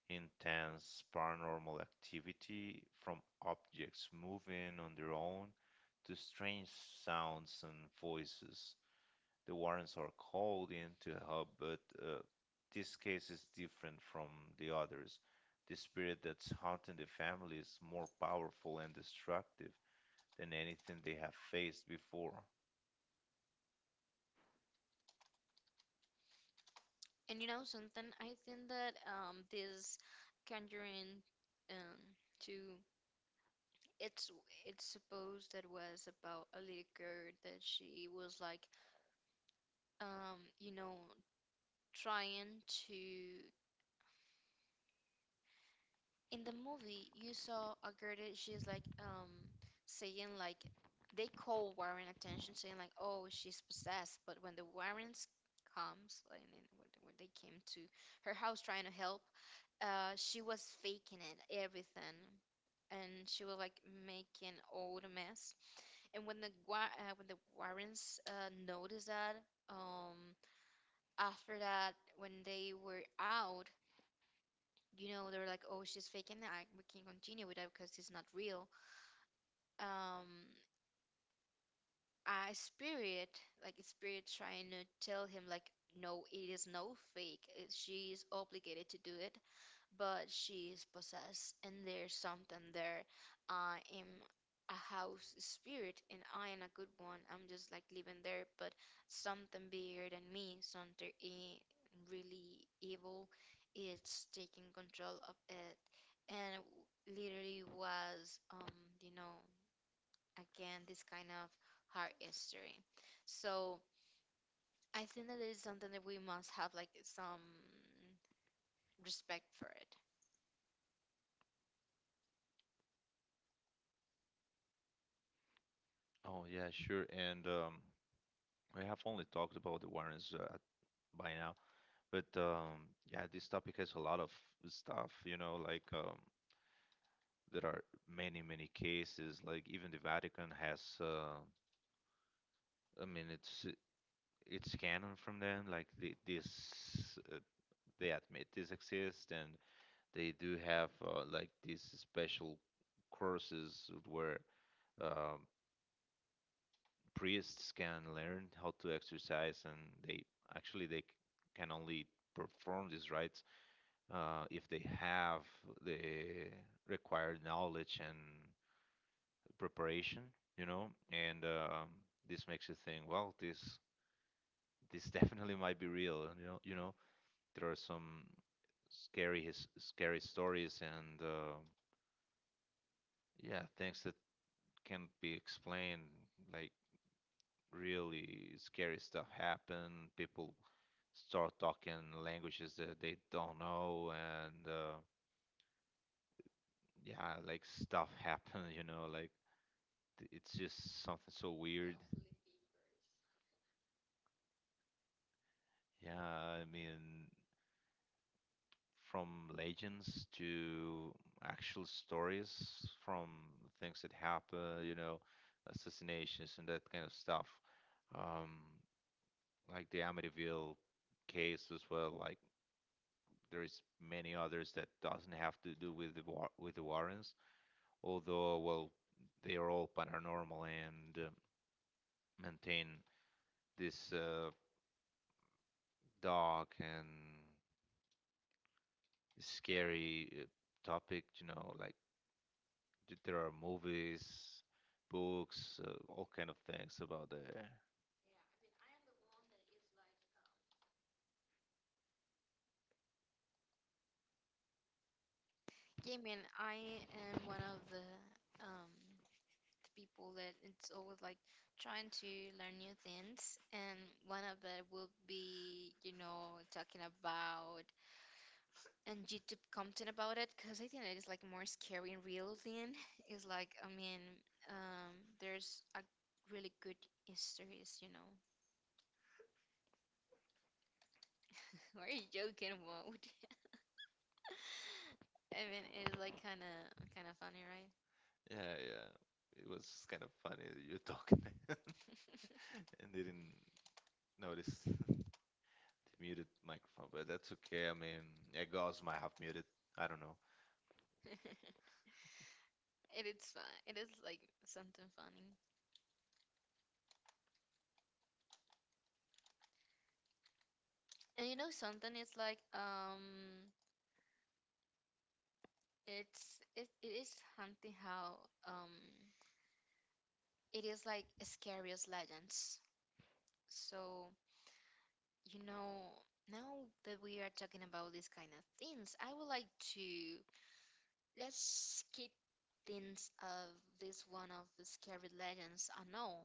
[SPEAKER 2] intense paranormal activity from objects moving on their own to strange sounds and voices. The warrants are called in to help, but this case is different from the others. The spirit that's haunting the family is more powerful and destructive than anything they have faced before.
[SPEAKER 1] And you know something, I think that this conjuring, um to, it's it's supposed that was about a little girl that she was like, you know, trying to, in the movie, you saw a Gerda. She's like, saying like they call Warren attention saying like, oh, she's possessed, but when the Warrens comes, like, and when, they came to her house trying to help, she was faking it everything. And she was like making all the mess. And when the when the Warrens noticed that, um after that, when they were out, you know, they're like, oh, she's faking it. I, we can continue with that because it's not real. um a spirit, like a spirit trying to tell him, like, no, it is no fake. She is obligated to do it, but she is possessed, and there's something there. I am a house spirit, and I am a good one. I'm just like living there, but something bigger than me, something really evil, it's taking control of it. And literally was, you know, again, this kind of hard history. So I think that there is something that we must have like some respect for it.
[SPEAKER 2] Oh, yeah, sure. And we have only talked about the warrants by now. But this topic has a lot of stuff. There are many, many cases. Like even the Vatican has, I mean, it's canon from them. Like they admit this exists, and they do have like these special courses where um, priests can learn how to exercise, and they they can only perform these rites if they have the required knowledge and preparation, and this makes you think, well, this definitely might be real, you know, there are some scary stories and yeah, things that can't be explained, like really scary stuff happen, people start talking languages that they don't know and yeah, like stuff happen, you know, like It's just something so weird. Yeah, I mean, from legends to actual stories, from things that happen, you know, assassinations and that kind of stuff. Um, like the Amityville case as well. Like there is many others that doesn't have to do with the war with the Warrens, although well, they are all paranormal and maintain this dark and scary topic, you know, like there are movies, books, all kind of things about the
[SPEAKER 1] Yeah, man, I am one of um the people that it's always like trying to learn new things, and one of that will be, you know, talking about and YouTube content about it, because I think it is like more scary and real thing. It's like, I mean, um, there's a really good histories, you know. We're joking about. I mean, it is like kind of funny, right?
[SPEAKER 2] yeah, yeah. It was kind of funny that you're talking and didn't notice the muted microphone, but that's okay. I mean, yeah, Gauss might have muted. I don't know.
[SPEAKER 1] It is fun. It is like something funny. And you know something, it's like, it's it is something how, um it is like scariest legends. So, you know, now that we are talking about these kind of things, I would like to, let's skip things of this one of the scary legends I know.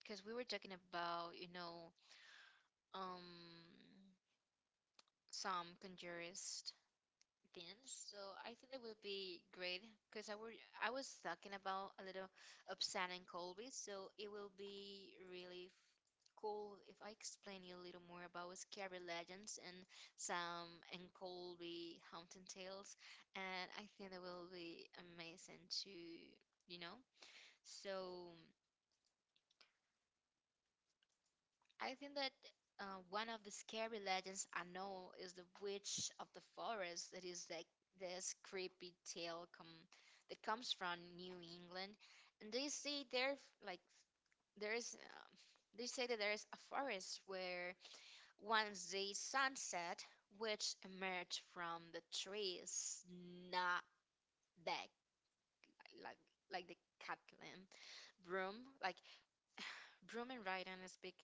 [SPEAKER 1] Because we were talking about, you know, um some conjurists things. So I think that will be great because I was talking about a little of San and Colby. So it will be really cool if I explain you a little more about scary legends and Sam and Colby haunting tales. And I think that will be amazing to, you know. So, I think that one of the scary legends I know is the witch of the forest. That is like this creepy tale come that comes from New England. And they say there like there is, they say that there is a forest where once the sunset witch emerged from the trees, not back like like like the Catlin broom, like Broom and Raiden speak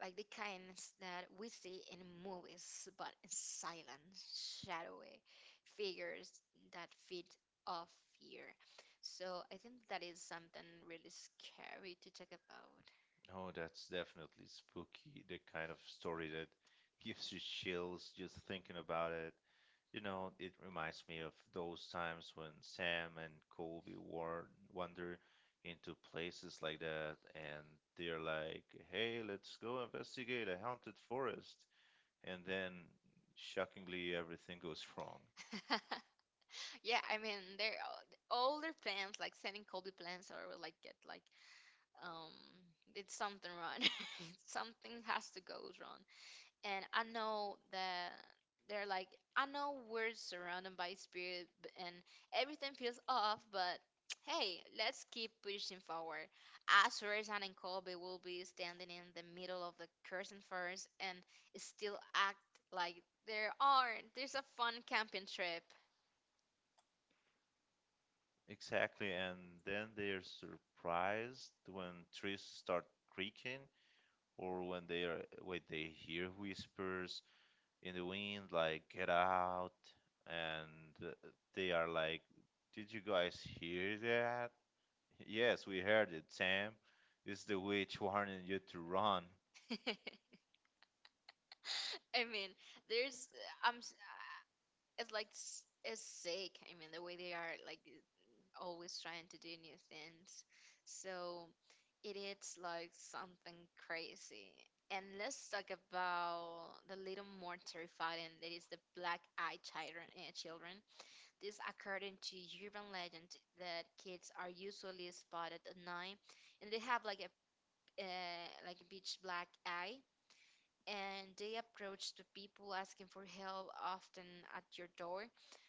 [SPEAKER 1] like the kinds that we see in movies, but in silent, shadowy figures that feed off fear. So I think that is something really scary to talk
[SPEAKER 2] No, that's definitely spooky. The kind of story that gives you chills just thinking about it. You know, it reminds me of those times when Sam and Colby war wander into places like that and they're like, hey, let's go investigate a haunted forest. And then, shockingly, everything goes wrong.
[SPEAKER 1] about. Yeah, I mean, they're all their plans, like sending Kobe plans, or will like get like, um, it's something wrong. Something has to go wrong. And I know that they're like, I know we're surrounded by and everything feels off, but hey, let's keep pushing forward. As and Colby will be standing in the middle of the curtain forest and still act like there's a fun camping trip.
[SPEAKER 2] Exactly. And then they're surprised when trees start creaking or when they are when they hear whispers in the wind, like get out, and they are like, "Did you guys hear that?" Yes, we heard it, Sam. It's the witch warning you to run.
[SPEAKER 1] I mean, there's I'm s- it's like it's sick. I mean, the way they are like always trying to do new things. So it is like something crazy. And let's talk about the little more terrifying that is the black eyed children. Children. This, according to urban legend, that kids are usually spotted at night, and they have like a beach black eye, and they approach the people asking for help, often at your door.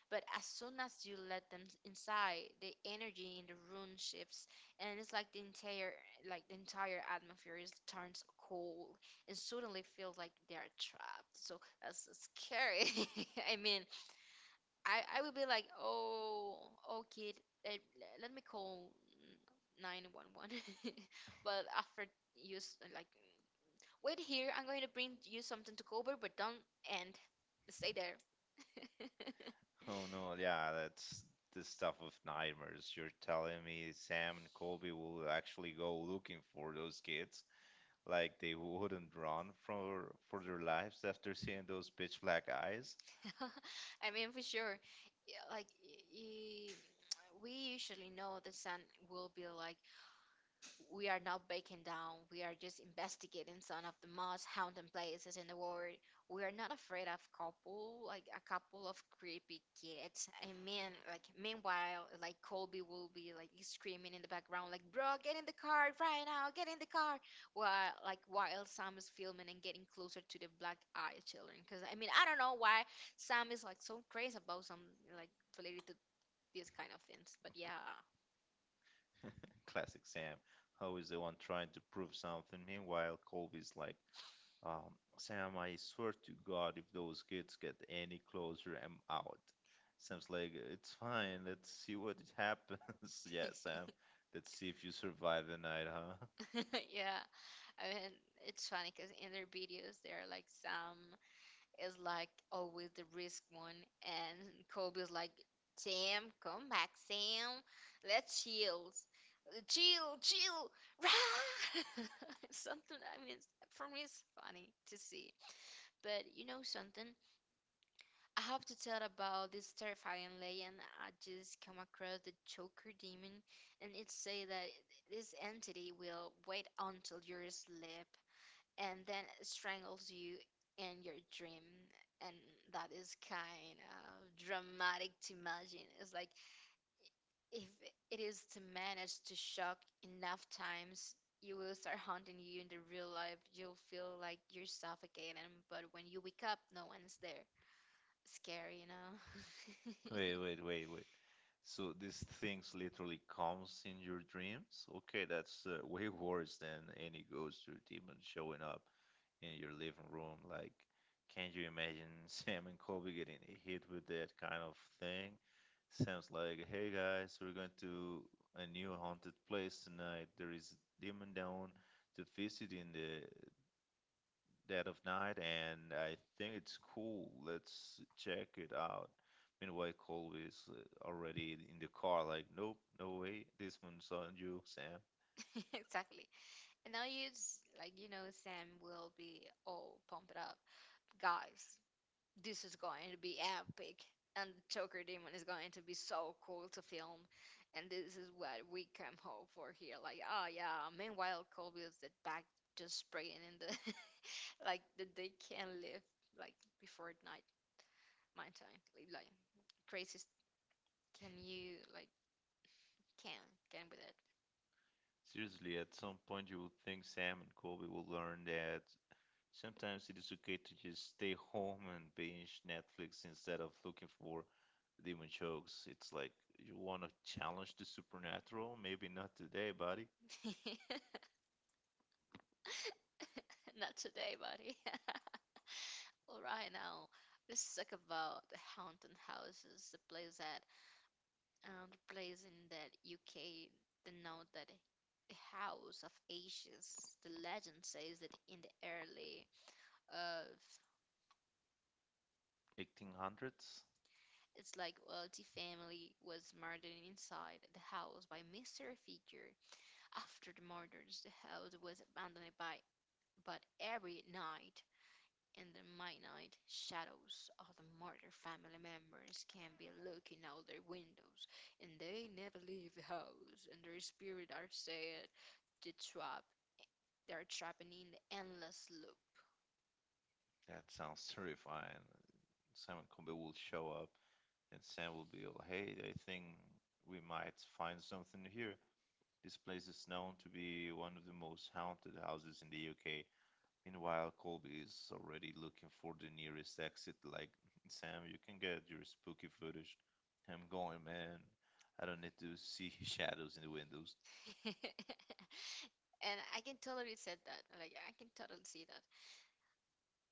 [SPEAKER 1] But as soon as you let them inside, the energy in the room shifts, and it's like the entire atmosphere is turns cold, and suddenly feels like they are trapped. So that's so scary. I mean, I would be like, oh, oh, kid, let, let me call 911. But after use like, wait here, I'm going to bring you something to cover, but don't end. Stay there.
[SPEAKER 2] Oh no, yeah, that's the stuff of nightmares. You're telling me Sam and Colby will actually go looking for those kids, like they wouldn't run for their lives after seeing those pitch black eyes?
[SPEAKER 1] I mean, for sure. Yeah, like, we usually know the sun will be like, we are not breaking down. We are just investigating some of the most haunted places in the world. We are not afraid of couple, like a couple of creepy kids. I mean, like meanwhile, like Colby will be like screaming in the background, like, "Bro, get in the car right now! Get in the car!" While like while Sam is filming and getting closer to the black eyed children. Because I mean, I don't know why Sam is like so crazy about some like related to these kind of things. But yeah,
[SPEAKER 2] Classic Sam. Ho the one trying to prove something. Meanwhile, Colby's like, um, Sam, I swear to God, if those kids get any closer, I'm out. Sam's like, it's fine. Let's see what happens. Yeah, Sam. Let's see if you survive the night, huh?
[SPEAKER 1] yeah, I mean, it's funny because in their videos they're like Sam is like always the risk one, and Kobe is like, Sam, come back, Sam, let's chill, chill, chill, rah! Something. I mean, for me it's funny to see. But you know something, I have to tell about this terrifying legend I just come across, the Joker demon. And it say that this entity will wait until you're asleep and then strangles you in your dream. And that is kind of dramatic to imagine. It's like if it is to manage to shock enough times, you will start haunting you in the real life. You'll feel like you're suffocating, but when you wake up, no one's there. Scary, you know? Wait,
[SPEAKER 2] Wait,
[SPEAKER 1] wait, wait.
[SPEAKER 2] wait,
[SPEAKER 1] Wait.
[SPEAKER 2] wait, wait. So these things literally comes in your dreams? Okay, that's way worse than any ghost or demon showing up in your living room. Like, can you imagine Sam and Kobe getting hit with that kind of thing? Sam's like, hey guys, we're going to a new haunted place tonight. There is a demon down to visit in the dead of night, and I think it's cool. Let's check it out. Meanwhile, Colby is already in the car, like, nope, no way, this one's on you, Sam.
[SPEAKER 1] Exactly. And now you like, you know, Sam will be all pumped up. Guys, this is going to be epic. And Joker Demon is going to be so cool to film. And this is what we come home for here. Like, oh yeah. Meanwhile, Colby is at back just spraying in the like that they can live like before night my time. Crazy can you like can can with
[SPEAKER 2] Seriously, at some point you would think Sam and Colby will learn that sometimes it is okay to just stay home and binge Netflix instead of looking for demon jokes. It's like you want to challenge the supernatural, maybe not today, buddy.
[SPEAKER 1] it. Not today, buddy. All right, now let's talk about the haunted houses, the place that, the place in that UK, the note that the House of Ashes. The legend says that in the early, uh,
[SPEAKER 2] 1800s?
[SPEAKER 1] it's like wealthy family was murdered inside the house by mystery figure. After the murders, the house was abandoned by, but every night in the midnight shadows, other murdered family members can be looking out their windows, and they never leave the house, and their spirits are said to trap. They're trapping in the endless loop.
[SPEAKER 2] That sounds terrifying. Simon Combe will show up and Sam will be all, hey, I think we might find something here. This place is known to be one of the most haunted houses in the UK. Meanwhile, Colby is already looking for the nearest exit, like, Sam, you can get your spooky footage. I'm going, man. I don't need to see shadows in the windows.
[SPEAKER 1] And I can totally said that. Like, I can totally see that.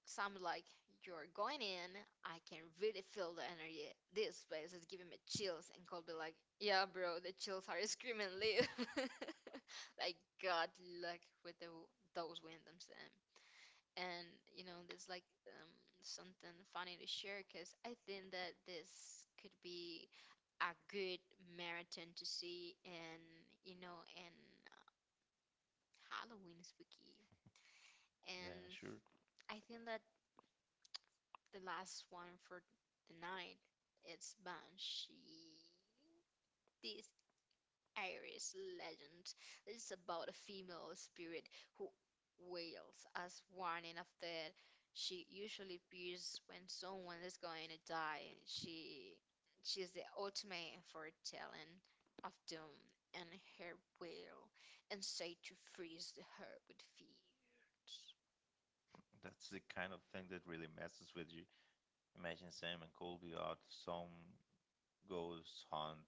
[SPEAKER 1] Some like, you're going in, I can really feel the energy, this place is giving me chills. And Colby like, yeah, bro, the chills are screaming leave. Like, god luck with the, those windows and and you know, there's like, something funny to share because I think that this could be a good marathon to see. And, you know, and Halloween spooky,
[SPEAKER 2] Yeah,
[SPEAKER 1] and
[SPEAKER 2] sure.
[SPEAKER 1] I think that the last one for the night it's Banshee. This Irish legend is about a female spirit who wails as warning of death. She usually appears when someone is going to die. She is the ultimate foretelling of doom, and her wail and say to freeze the heart with fear.
[SPEAKER 2] That's the kind of thing that really messes with you. Imagine Sam and Colby out some ghost hunt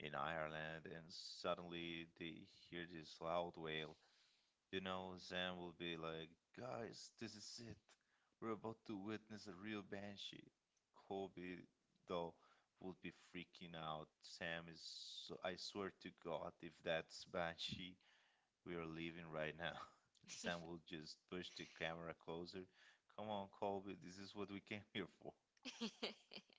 [SPEAKER 2] in Ireland, and suddenly they hear this loud wail. You know, Zan will be like, guys, this is it. We're about to witness a real banshee. Kobe though, would be freaking out. Sam is so, I swear to God, if that's banshee, we are leaving right now. Sam will just push the camera closer. Come on, Kobe, this is what we came here for.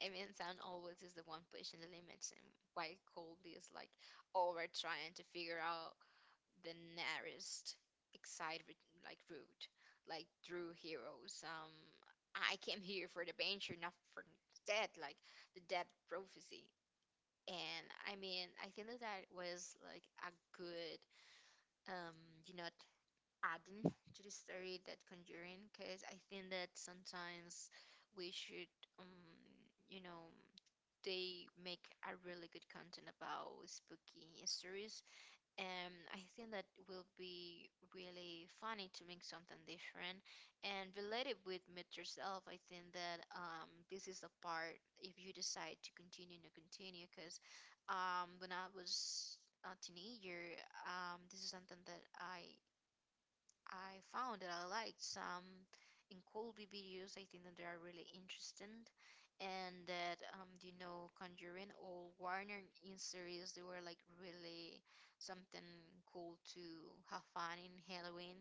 [SPEAKER 1] I mean, san always is the one pushing the limits, and while Colby is like over trying to figure out the nearest excited like route, like through heroes. I came here for the danger, not for the dead, like the dead prophecy. And I mean, I think that that was like a good, um, you know, adding to the story that Conjuring, because I think that sometimes we should, um, you know, they make a really good content about spooky histories. And I think that will be really funny to make something different and related with meet yourself. I think that this is the part if you decide to continue because, when I was a teenager, this is something that I found that I liked some in Colby videos. I think that they are really interesting, and that, you know, Conjuring or Warner in series, they were like really something cool to have fun in Halloween.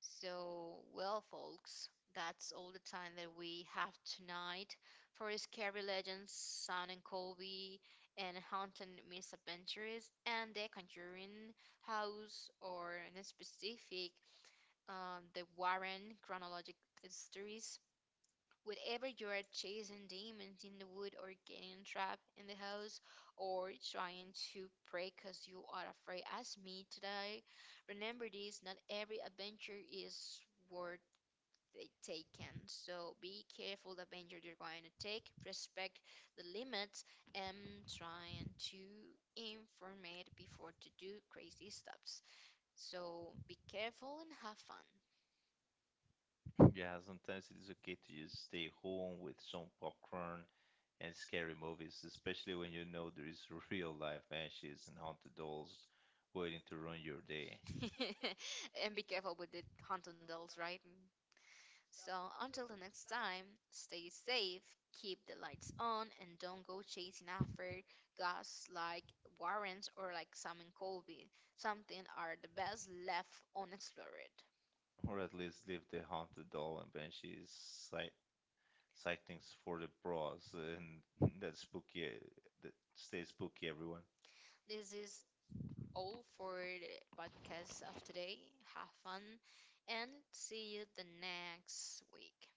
[SPEAKER 1] So, well, folks, that's all the time that we have tonight for Scary Legends, Son and Colby, and Haunted Misadventures, and The Conjuring House, or in a specific, the Warren chronologic histories. Whenever you are chasing demons in the wood or getting trapped in the house or trying to pray because you are afraid as me today, remember this, not every adventure is worth the taken. So be careful the adventure you're going to take, respect the limits, and trying to informate before to do crazy stuffs. So be careful and have fun.
[SPEAKER 2] Yeah, sometimes it is okay to just stay home with some popcorn and scary movies, especially when you know there is real life banshees and haunted dolls waiting to ruin your day.
[SPEAKER 1] And be careful with the Huntendals, right? So until the next time, stay safe, keep the lights on, and don't go chasing after guys like Warrens or like Sam and Colby. Something are the best left unexplored.
[SPEAKER 2] Or at least leave the haunted doll and banshees sight sightings for the bros and that spooky that stay spooky everyone.
[SPEAKER 1] This is all for the podcast of today. Have fun and see you the next week.